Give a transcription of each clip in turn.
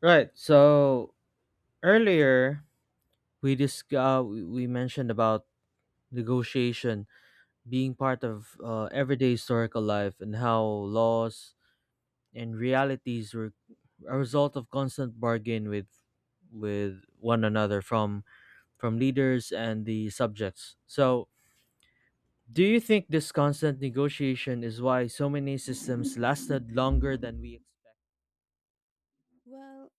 Right. So earlier we disc- we mentioned about negotiation being part of everyday historical life and how laws and realities were a result of constant bargain with one another from leaders and the subjects. So do you think this constant negotiation is why so many systems lasted longer than we Well,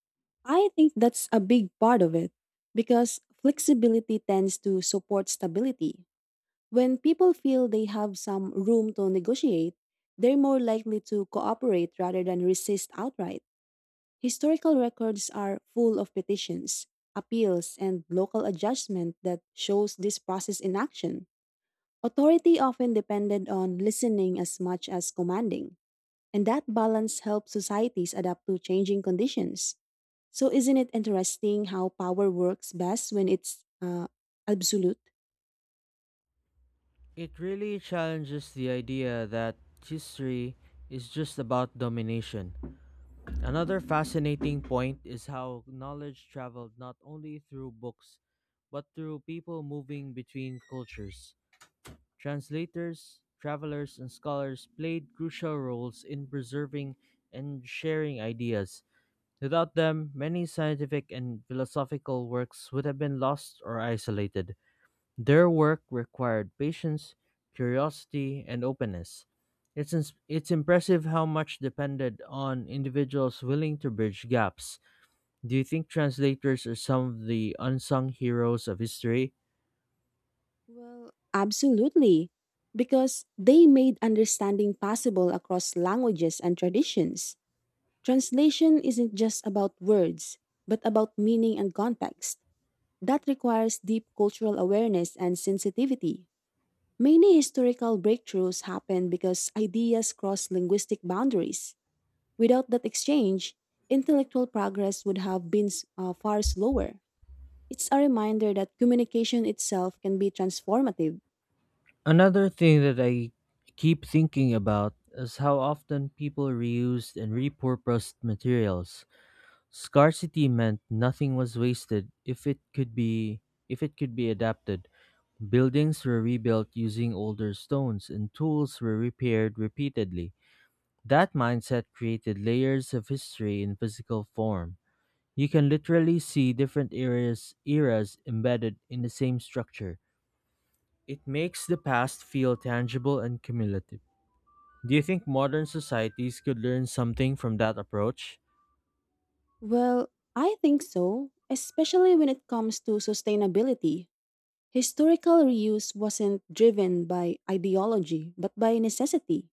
I think that's a big part of it because flexibility tends to support stability. When people feel they have some room to negotiate, they're more likely to cooperate rather than resist outright. Historical records are full of petitions, appeals, and local adjustment that shows this process in action. Authority often depended on listening as much as commanding, and that balance helps societies adapt to changing conditions. So, isn't it interesting how power works best when it's absolute? It really challenges the idea that history is just about domination. Another fascinating point is how knowledge traveled not only through books, but through people moving between cultures. Translators, travelers, and scholars played crucial roles in preserving and sharing ideas. Without them, many scientific and philosophical works would have been lost or isolated. Their work required patience, curiosity, and openness. It's impressive how much depended on individuals willing to bridge gaps. Do you think translators are some of the unsung heroes of history? Well, absolutely. Because they made understanding possible across languages and traditions. Translation isn't just about words, but about meaning and context. That requires deep cultural awareness and sensitivity. Many historical breakthroughs happen because ideas cross linguistic boundaries. Without that exchange, intellectual progress would have been far slower. It's a reminder that communication itself can be transformative. Another thing that I keep thinking about is how often people reused and repurposed materials. Scarcity meant nothing was wasted if it could be adapted. Buildings were rebuilt using older stones and tools were repaired repeatedly. That mindset created layers of history in physical form. You can literally see different eras embedded in the same structure. It makes the past feel tangible and cumulative. Do you think modern societies could learn something from that approach? Well, I think so, especially when it comes to sustainability. Historical reuse wasn't driven by ideology, but by necessity.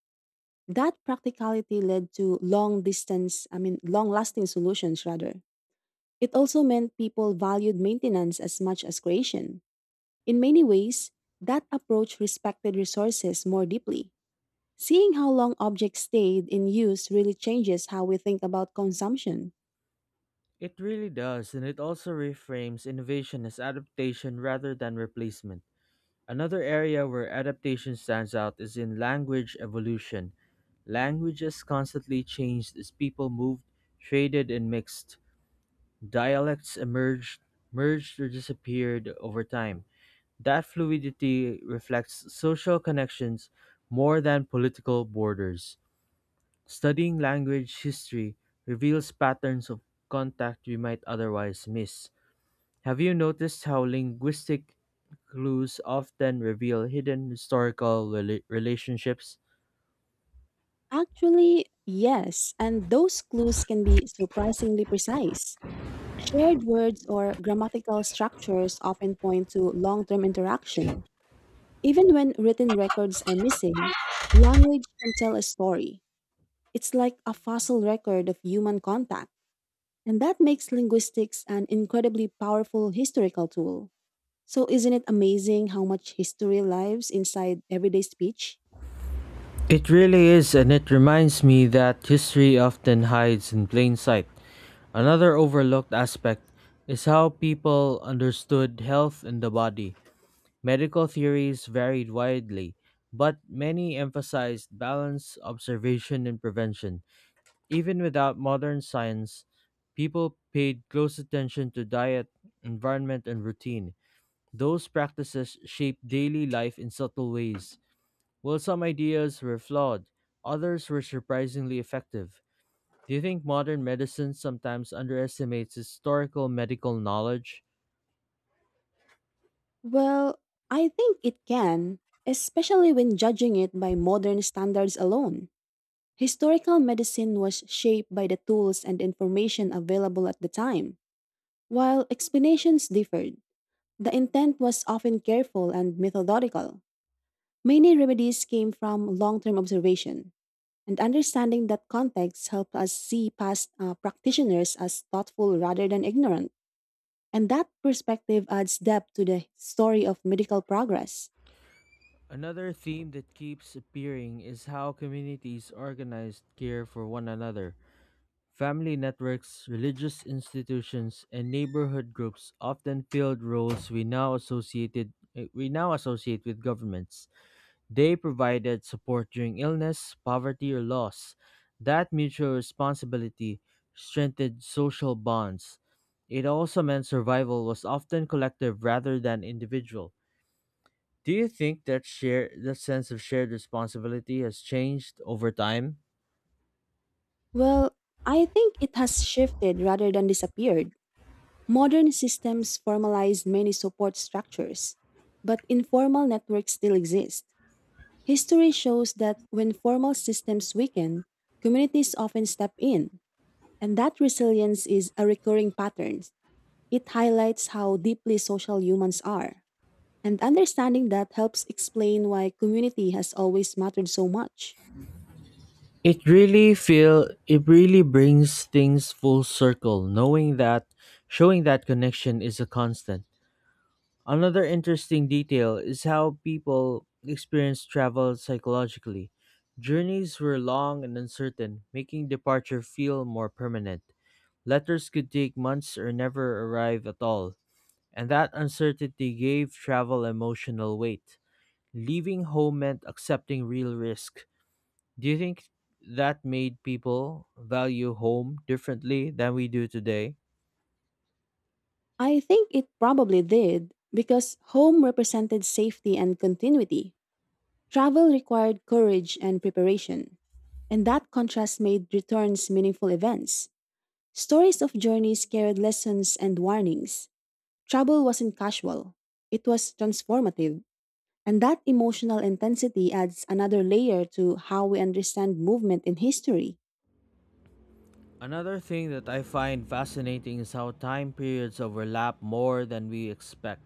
That practicality led to long distance, I mean, long lasting solutions rather. It also meant people valued maintenance as much as creation. In many ways, that approach respected resources more deeply. Seeing how long objects stayed in use really changes how we think about consumption. It really does, and it also reframes innovation as adaptation rather than replacement. Another area where adaptation stands out is in language evolution. Languages constantly changed as people moved, traded, and mixed. Dialects emerged, merged, or disappeared over time. That fluidity reflects social connections more than political borders. Studying language history reveals patterns of contact we might otherwise miss. Have you noticed how linguistic clues often reveal hidden historical relationships? Actually, yes, and those clues can be surprisingly precise. Shared words or grammatical structures often point to long term interaction. Even when written records are missing, language can tell a story. It's like a fossil record of human contact. And that makes linguistics an incredibly powerful historical tool. So, isn't it amazing how much history lives inside everyday speech? It really is, and it reminds me that history often hides in plain sight. Another overlooked aspect is how people understood health and the body. Medical theories varied widely, but many emphasized balance, observation, and prevention. Even without modern science, people paid close attention to diet, environment, and routine. Those practices shaped daily life in subtle ways. While some ideas were flawed, others were surprisingly effective. Do you think modern medicine sometimes underestimates historical medical knowledge? Well, I think it can, especially when judging it by modern standards alone. Historical medicine was shaped by the tools and information available at the time. While explanations differed, the intent was often careful and methodical. Many remedies came from long term observation, and understanding that context helped us see past practitioners as thoughtful rather than ignorant. And that perspective adds depth to the story of medical progress. Another theme that keeps appearing is how communities organized care for one another. Family networks, religious institutions, and neighborhood groups often filled roles we now associate with governments. They provided support during illness, poverty, or loss. That mutual responsibility strengthened social bonds. It also meant survival was often collective rather than individual. Do you think that sense of shared responsibility has changed over time? Well, I think it has shifted rather than disappeared. Modern systems formalize many support structures, but informal networks still exist. History shows that when formal systems weaken, communities often step in. And that resilience is a recurring pattern. It highlights how deeply social humans are. And understanding that helps explain why community has always mattered so much. It really brings things full circle knowing that showing that connection is a constant. Another interesting detail is how people experience travel psychologically. Journeys were long and uncertain, making departure feel more permanent. Letters could take months or never arrive at all, and that uncertainty gave travel emotional weight. Leaving home meant accepting real risk. Do you think that made people value home differently than we do today? I think it probably did, because home represented safety and continuity. Travel required courage and preparation. And that contrast made returns meaningful events. Stories of journeys carried lessons and warnings. Travel wasn't casual, it was transformative. And that emotional intensity adds another layer to how we understand movement in history. Another thing that I find fascinating is how time periods overlap more than we expect.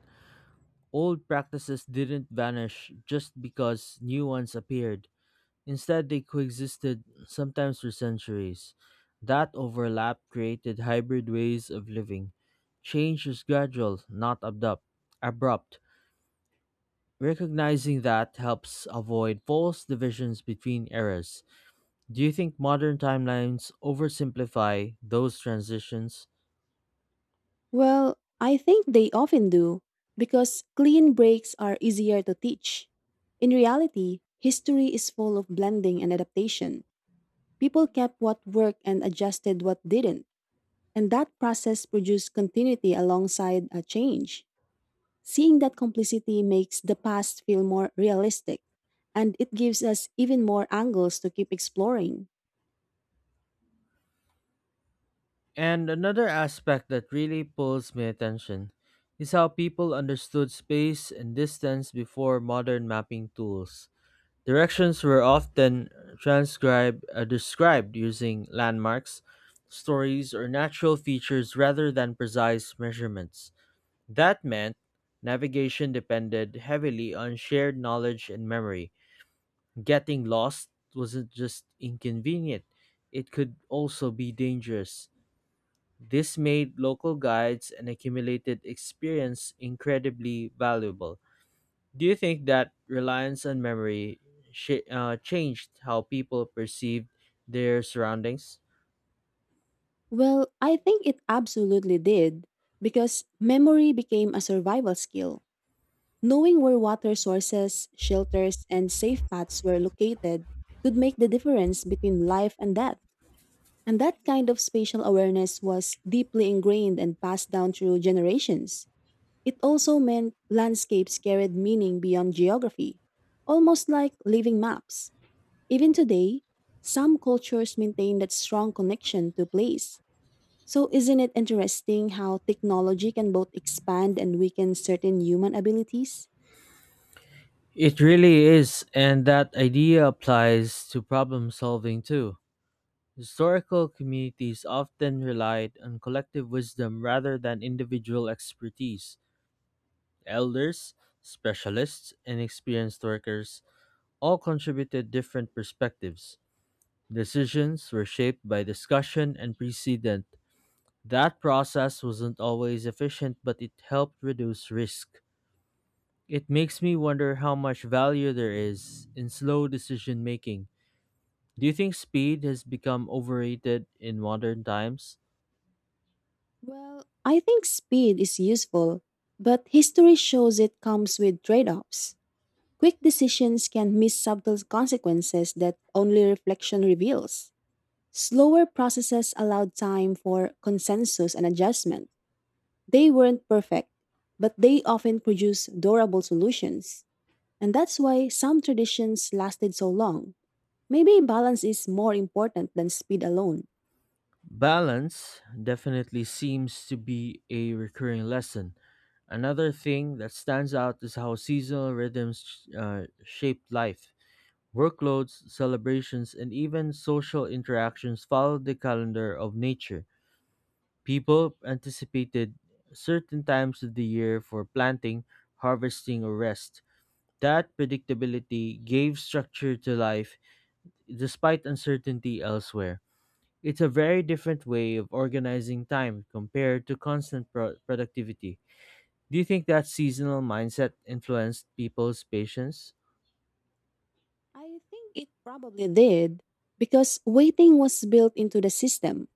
Old practices didn't vanish just because new ones appeared. Instead, they coexisted, sometimes for centuries. That overlap created hybrid ways of living. Change is gradual, not abrupt. Recognizing that helps avoid false divisions between eras. Do you think modern timelines oversimplify those transitions? Well, I think they often do, because clean breaks are easier to teach. In reality, history is full of blending and adaptation. People kept what worked and adjusted what didn't, and that process produced continuity alongside a change. Seeing that complicity makes the past feel more realistic, and it gives us even more angles to keep exploring. And another aspect that really pulls my attention is how people understood space and distance before modern mapping tools. Directions were often described using landmarks, stories, or natural features rather than precise measurements. That meant navigation depended heavily on shared knowledge and memory. Getting lost wasn't just inconvenient, it could also be dangerous. This made local guides and accumulated experience incredibly valuable. Do you think that reliance on memory changed how people perceived their surroundings? Well, I think it absolutely did because memory became a survival skill. Knowing where water sources, shelters, and safe paths were located could make the difference between life and death. And that kind of spatial awareness was deeply ingrained and passed down through generations. It also meant landscapes carried meaning beyond geography, almost like living maps. Even today, some cultures maintain that strong connection to place. So, isn't it interesting how technology can both expand and weaken certain human abilities? It really is, and that idea applies to problem solving too. Historical communities often relied on collective wisdom rather than individual expertise. Elders, specialists, and experienced workers all contributed different perspectives. Decisions were shaped by discussion and precedent. That process wasn't always efficient, but it helped reduce risk. It makes me wonder how much value there is in slow decision making. Do you think speed has become overrated in modern times? Well, I think speed is useful, but history shows it comes with trade offs. Quick decisions can miss subtle consequences that only reflection reveals. Slower processes allowed time for consensus and adjustment. They weren't perfect, but they often produce durable solutions. And that's why some traditions lasted so long. Maybe balance is more important than speed alone. Balance definitely seems to be a recurring lesson. Another thing that stands out is how seasonal rhythms shape life. Workloads, celebrations, and even social interactions follow the calendar of nature. People anticipated certain times of the year for planting, harvesting, or rest. That predictability gave structure to life despite uncertainty elsewhere. It's a very different way of organizing time compared to constant productivity. Do you think that seasonal mindset influenced people's patience? I think it probably did because waiting was built into the system.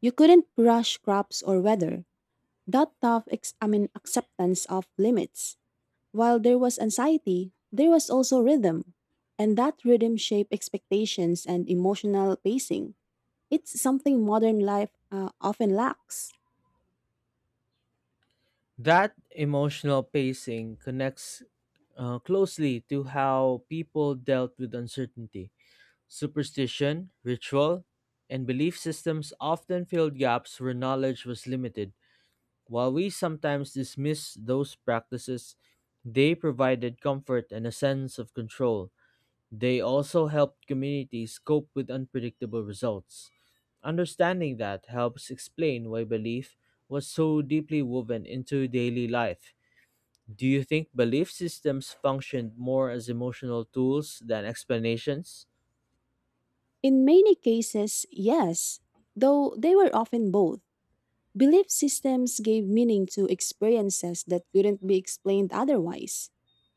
You couldn't rush crops or weather. That tough, ex- I mean, acceptance of limits. While there was anxiety, there was also rhythm, and that rhythm shaped expectations and emotional pacing. It's something modern life often lacks. That emotional pacing connects closely to how people dealt with uncertainty. Superstition, ritual, and belief systems often filled gaps where knowledge was limited. While we sometimes dismiss those practices, they provided comfort and a sense of control. They also help communities cope with unpredictable results. Understanding that helps explain why belief was so deeply woven into daily life. Do you think belief systems functioned more as emotional tools than explanations? In many cases, yes, though they were often both. Belief systems gave meaning to experiences that couldn't be explained otherwise.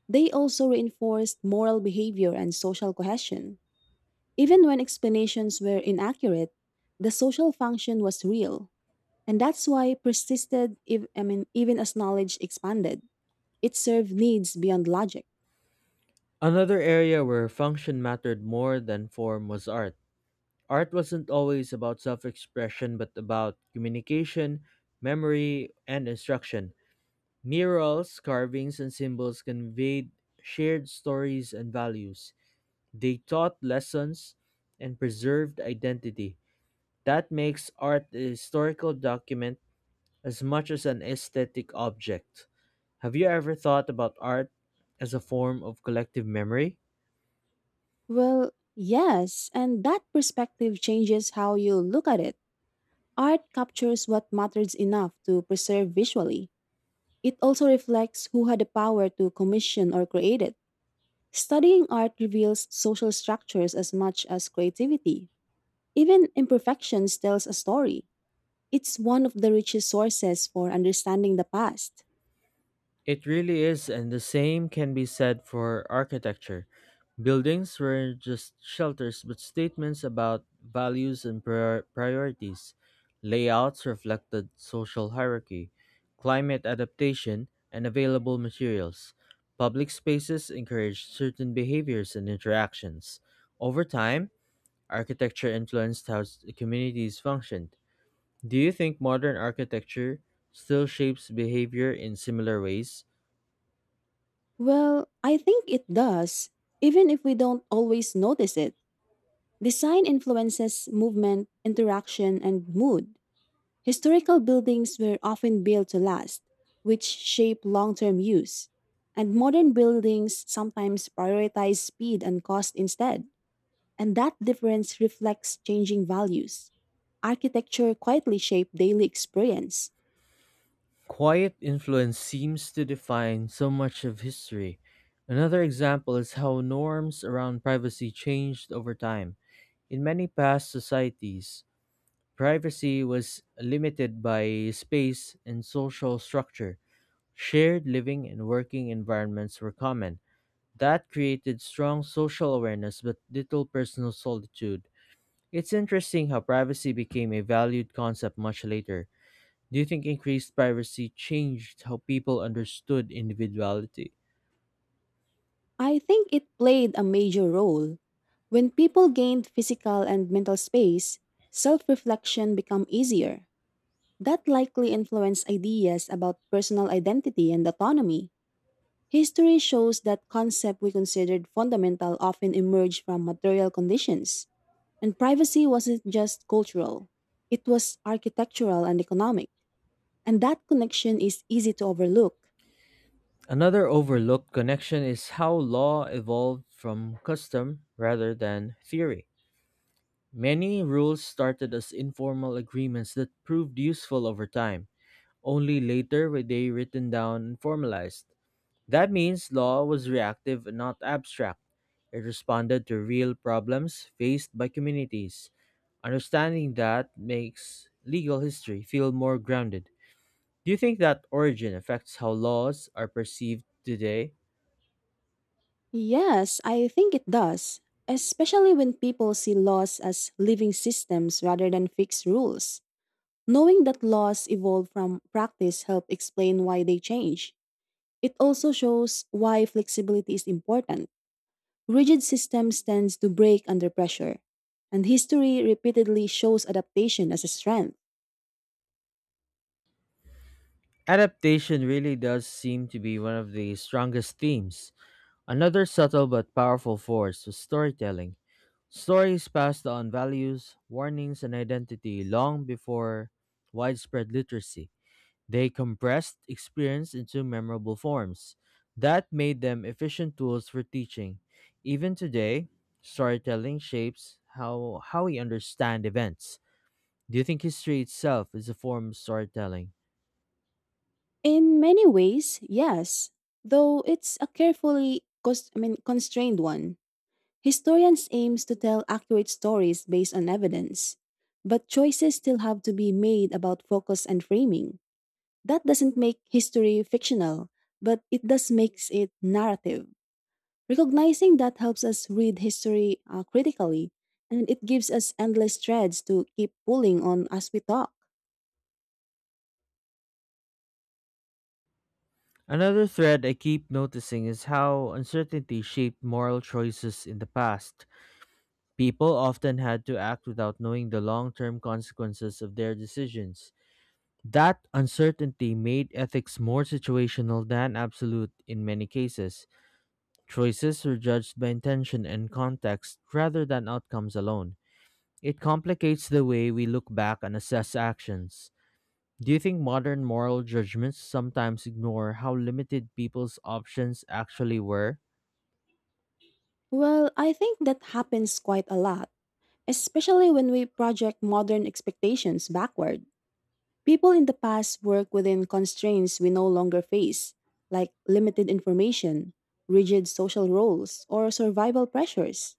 They also reinforced moral behavior and social cohesion. Even when explanations were inaccurate, the social function was real, and that's why persisted if, I mean even as knowledge expanded. It served needs beyond logic. Another area where function mattered more than form was art. Art wasn't always about self expression, but about communication, memory, and instruction. Murals, carvings, and symbols conveyed shared stories and values. They taught lessons and preserved identity. That makes art a historical document as much as an aesthetic object. Have you ever thought about art as a form of collective memory? Well, yes, and that perspective changes how you look at it. Art captures what matters enough to preserve visually. It also reflects who had the power to commission or create it. Studying art reveals social structures as much as creativity. Even imperfections tells a story. It's one of the richest sources for understanding the past. It really is, and the same can be said for architecture. Buildings were just shelters, but statements about values and priorities. Layouts reflected social hierarchy, climate adaptation, and available materials. Public spaces encouraged certain behaviors and interactions. Over time, architecture influenced how communities functioned. Do you think modern architecture still shapes behavior in similar ways? Well, I think it does, even if we don't always notice it. Design influences movement, interaction, and mood. Historical buildings were often built to last, which shape long term use. And modern buildings sometimes prioritize speed and cost instead. And that difference reflects changing values. Architecture quietly shaped daily experience. Quiet influence seems to define so much of history. Another example is how norms around privacy changed over time. In many past societies, privacy was limited by space and social structure. Shared living and working environments were common. That created strong social awareness but little personal solitude. It's interesting how privacy became a valued concept much later. Do you think increased privacy changed how people understood individuality? I think it played a major role. When people gained physical and mental space, self reflection became easier. That likely influenced ideas about personal identity and autonomy. History shows that concepts we considered fundamental often emerged from material conditions. And privacy wasn't just cultural, it was architectural and economic. And that connection is easy to overlook. Another overlooked connection is how law evolved from custom rather than theory. Many rules started as informal agreements that proved useful over time. Only later were they written down and formalized. That means law was reactive and not abstract. It responded to real problems faced by communities. Understanding that makes legal history feel more grounded. Do you think that origin affects how laws are perceived today? Yes, I think it does, especially when people see laws as living systems rather than fixed rules. Knowing that laws evolve from practice help explain why they change. It also shows why flexibility is important. Rigid systems tends to break under pressure, and history repeatedly shows adaptation as a strength. Adaptation really does seem to be one of the strongest themes. Another subtle but powerful force was storytelling. Stories passed on values, warnings, and identity long before widespread literacy. They compressed experience into memorable forms. That made them efficient tools for teaching. Even today, storytelling shapes how we understand events. Do you think history itself is a form of storytelling? In many ways, yes, though it's a carefully cons- I mean, constrained one. Historians aims to tell accurate stories based on evidence, but choices still have to be made about focus and framing. That doesn't make history fictional, but it does makes it narrative. Recognizing that helps us read history critically, and it gives us endless threads to keep pulling on as we talk. Another thread I keep noticing is how uncertainty shaped moral choices in the past. People often had to act without knowing the long term consequences of their decisions. That uncertainty made ethics more situational than absolute in many cases. Choices were judged by intention and context rather than outcomes alone. It complicates the way we look back and assess actions. Do you think modern moral judgments sometimes ignore how limited people's options actually were? Well, I think that happens quite a lot, especially when we project modern expectations backward. People in the past work within constraints we no longer face, like limited information, rigid social roles, or survival pressures.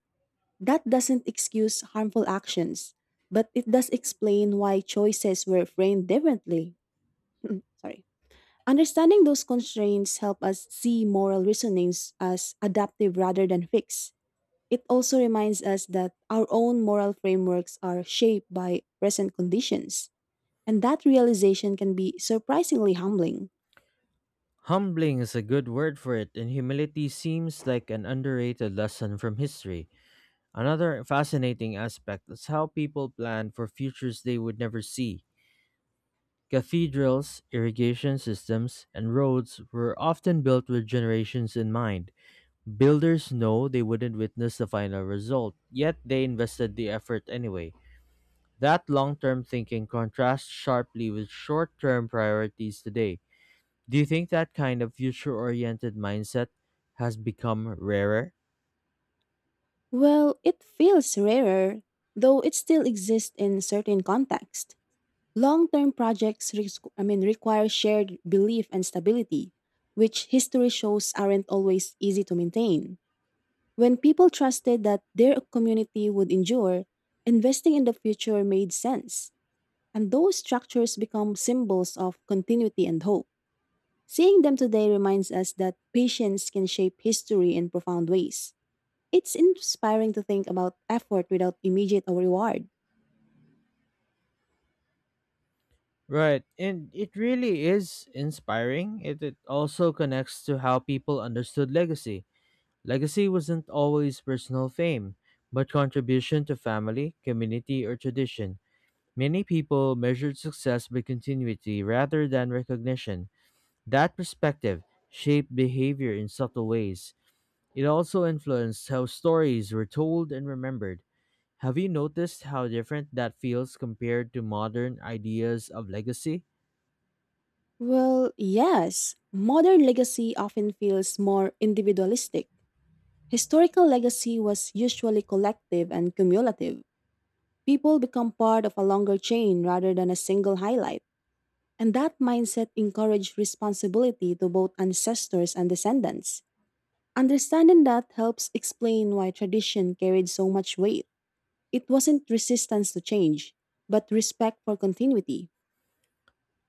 That doesn't excuse harmful actions, but it does explain why choices were framed differently. Sorry. Understanding those constraints help us see moral reasonings as adaptive rather than fixed. It also reminds us that our own moral frameworks are shaped by present conditions, and that realization can be surprisingly humbling. Humbling is a good word for it, and humility seems like an underrated lesson from history. Another fascinating aspect is how people plan for futures they would never see. Cathedrals, irrigation systems, and roads were often built with generations in mind. Builders know they wouldn't witness the final result, yet they invested the effort anyway. That long term thinking contrasts sharply with short term priorities today. Do you think that kind of future oriented mindset has become rarer? Well, it feels rarer, though it still exists in certain contexts. Long-term projects require shared belief and stability, which history shows aren't always easy to maintain. When people trusted that their community would endure, investing in the future made sense, and those structures become symbols of continuity and hope. Seeing them today reminds us that patience can shape history in profound ways. It's inspiring to think about effort without immediate reward. Right, and it really is inspiring. It also connects to how people understood legacy. Legacy wasn't always personal fame, but contribution to family, community, or tradition. Many people measured success by continuity rather than recognition. That perspective shaped behavior in subtle ways. It also influenced how stories were told and remembered. Have you noticed how different that feels compared to modern ideas of legacy? Well, yes, modern legacy often feels more individualistic. Historical legacy was usually collective and cumulative. People become part of a longer chain rather than a single highlight, and that mindset encourages responsibility to both ancestors and descendants. Understanding that helps explain why tradition carried so much weight. It wasn't resistance to change, but respect for continuity.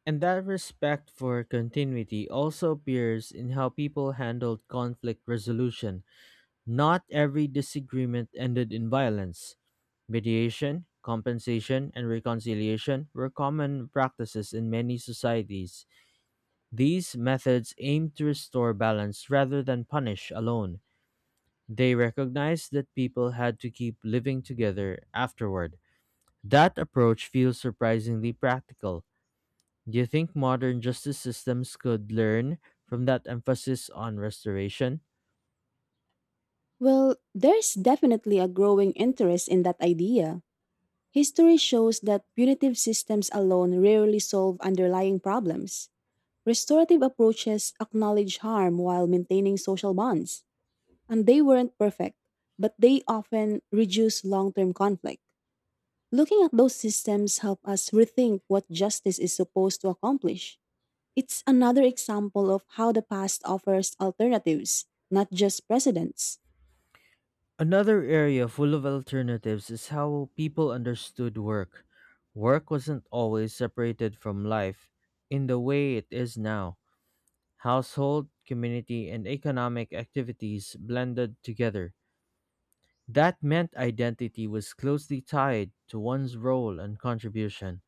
And that respect for continuity also appears in how people handled conflict resolution. Not every disagreement ended in violence. Mediation, compensation, and reconciliation were common practices in many societies. These methods aimed to restore balance rather than punish alone. They recognized that people had to keep living together afterward. That approach feels surprisingly practical. Do you think modern justice systems could learn from that emphasis on restoration? Well, there's definitely a growing interest in that idea. History shows that punitive systems alone rarely solve underlying problems. Restorative approaches acknowledge harm while maintaining social bonds. And they weren't perfect, but they often reduce long-term conflict. Looking at those systems help us rethink what justice is supposed to accomplish. It's another example of how the past offers alternatives, not just precedents. Another area full of alternatives is how people understood work. Work wasn't always separated from life in the way it is now. Household, community, and economic activities blended together. That meant identity was closely tied to one's role and contribution.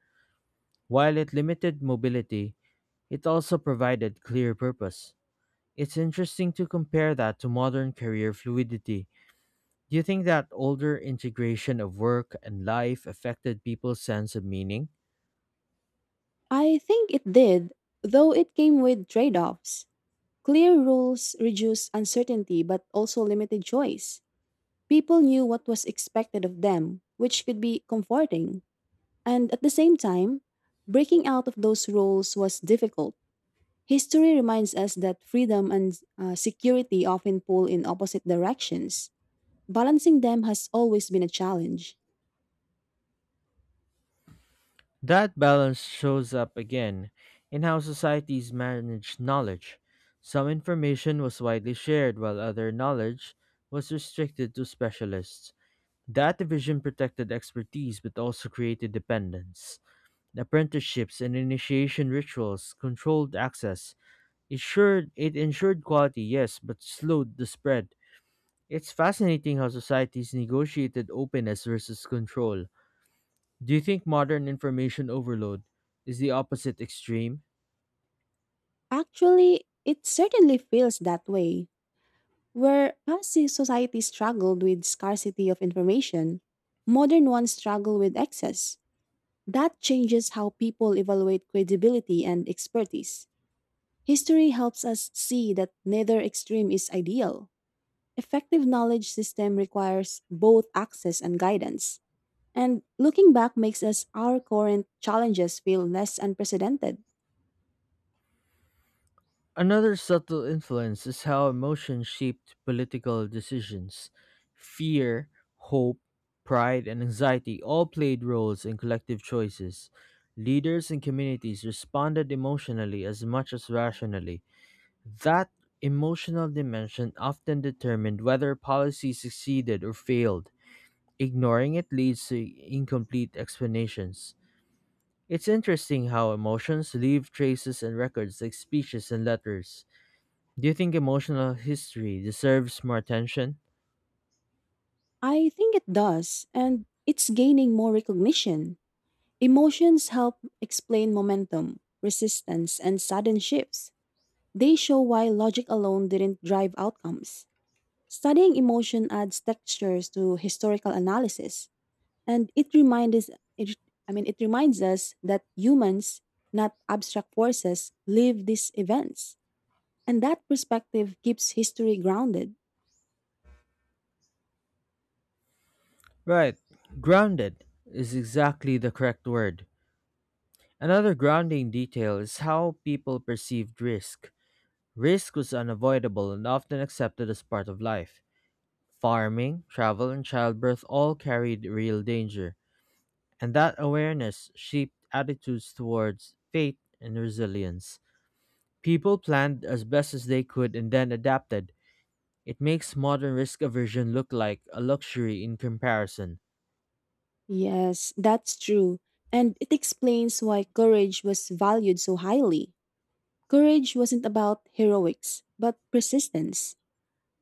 While it limited mobility, it also provided clear purpose. It's interesting to compare that to modern career fluidity. Do you think that older integration of work and life affected people's sense of meaning? I think it did, though it came with trade-offs. Clear rules reduced uncertainty but also limited choice. People knew what was expected of them, which could be comforting. And at the same time, breaking out of those roles was difficult. History reminds us that freedom and security often pull in opposite directions. Balancing them has always been a challenge. That balance shows up again in how societies manage knowledge. Some information was widely shared, while other knowledge was restricted to specialists. That division protected expertise but also created dependence. Apprenticeships and initiation rituals controlled access. It, sure, it ensured quality, yes, but slowed the spread. It's fascinating how societies negotiated openness versus control. Do you think modern information overload is the opposite extreme? Actually, it certainly feels that way. Where past society struggled with scarcity of information, modern ones struggle with excess. That changes how people evaluate credibility and expertise. History helps us see that neither extreme is ideal. Effective knowledge system requires both access and guidance. And looking back makes us our current challenges feel less unprecedented. Another subtle influence is how emotion shaped political decisions. Fear, hope, pride, and anxiety all played roles in collective choices. Leaders and communities responded emotionally as much as rationally. That emotional dimension often determined whether policy succeeded or failed. Ignoring it leads to incomplete explanations. It's interesting how emotions leave traces and records like speeches and letters. Do you think emotional history deserves more attention? I think it does, and it's gaining more recognition. Emotions help explain momentum, resistance, and sudden shifts. They show why logic alone didn't drive outcomes. Studying emotion adds textures to historical analysis. And it reminds us, it, I mean, it reminds us that humans, not abstract forces, live these events. And that perspective keeps history grounded. Right. Grounded. Is exactly the correct word. Another grounding detail is how people perceived risk. Risk was unavoidable and often accepted as part of life. Farming, travel, and childbirth all carried real danger, and that awareness shaped attitudes towards fate and resilience. People planned as best as they could and then adapted. It makes modern risk aversion look like a luxury in comparison. Yes, that's true. And it explains why courage was valued so highly. Courage wasn't about heroics, but persistence.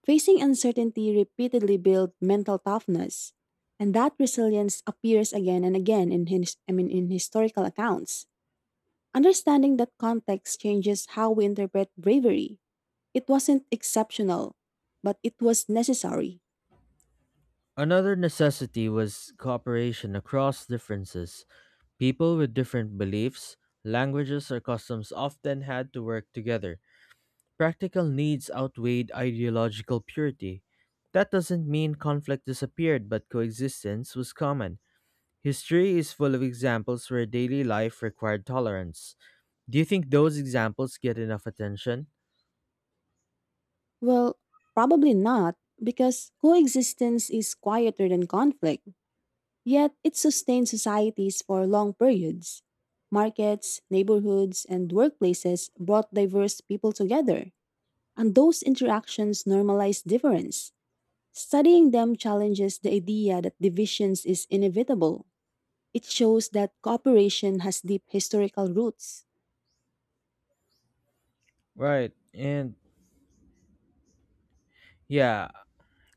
Facing uncertainty repeatedly built mental toughness. And that resilience appears again and again in historical accounts. Understanding that context changes how we interpret bravery. It wasn't exceptional, but it was necessary. Another necessity was cooperation across differences. People with different beliefs, languages, or customs often had to work together. Practical needs outweighed ideological purity. That doesn't mean conflict disappeared, but coexistence was common. History is full of examples where daily life required tolerance. Do you think those examples get enough attention? Well, probably not, because coexistence is quieter than conflict, yet it sustains societies for long periods. Markets, neighborhoods, and workplaces brought diverse people together, and those interactions normalize difference. Studying them challenges the idea that divisions is inevitable. It shows that cooperation has deep historical roots. Right, and yeah,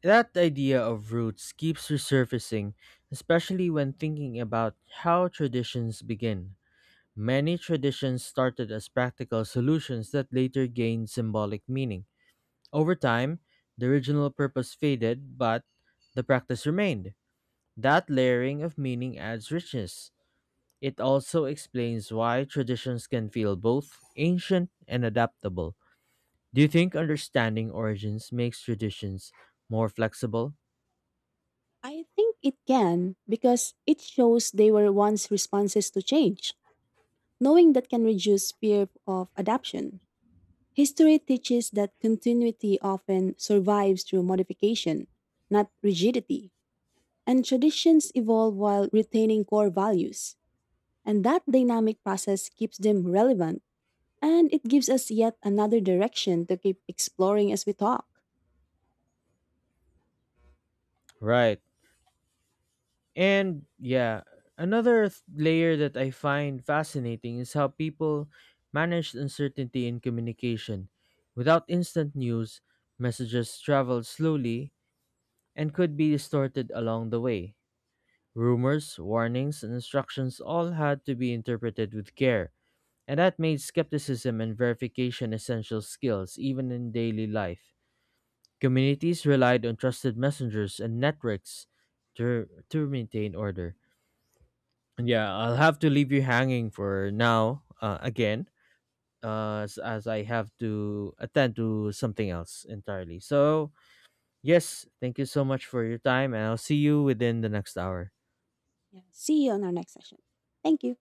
that idea of roots keeps resurfacing, especially when thinking about how traditions begin. Many traditions started as practical solutions that later gained symbolic meaning. Over time, the original purpose faded, but the practice remained. That layering of meaning adds richness. It also explains why traditions can feel both ancient and adaptable. Do you think understanding origins makes traditions more flexible? I think it can because it shows they were once responses to change, knowing that can reduce fear of adaption. History teaches that continuity often survives through modification, not rigidity, and traditions evolve while retaining core values. And that dynamic process keeps them relevant and it gives us yet another direction to keep exploring as we talk. Right. And yeah, another layer that I find fascinating is how people manage uncertainty in communication. Without instant news, messages travel slowly and could be distorted along the way. Rumors, warnings, and instructions all had to be interpreted with care, and that made skepticism and verification essential skills even in daily life. Communities relied on trusted messengers and networks to maintain order. Yeah, I'll have to leave you hanging for now again, as I have to attend to something else entirely. So, yes, thank you so much for your time, and I'll see you within the next hour. Yeah. See you on our next session. Thank you.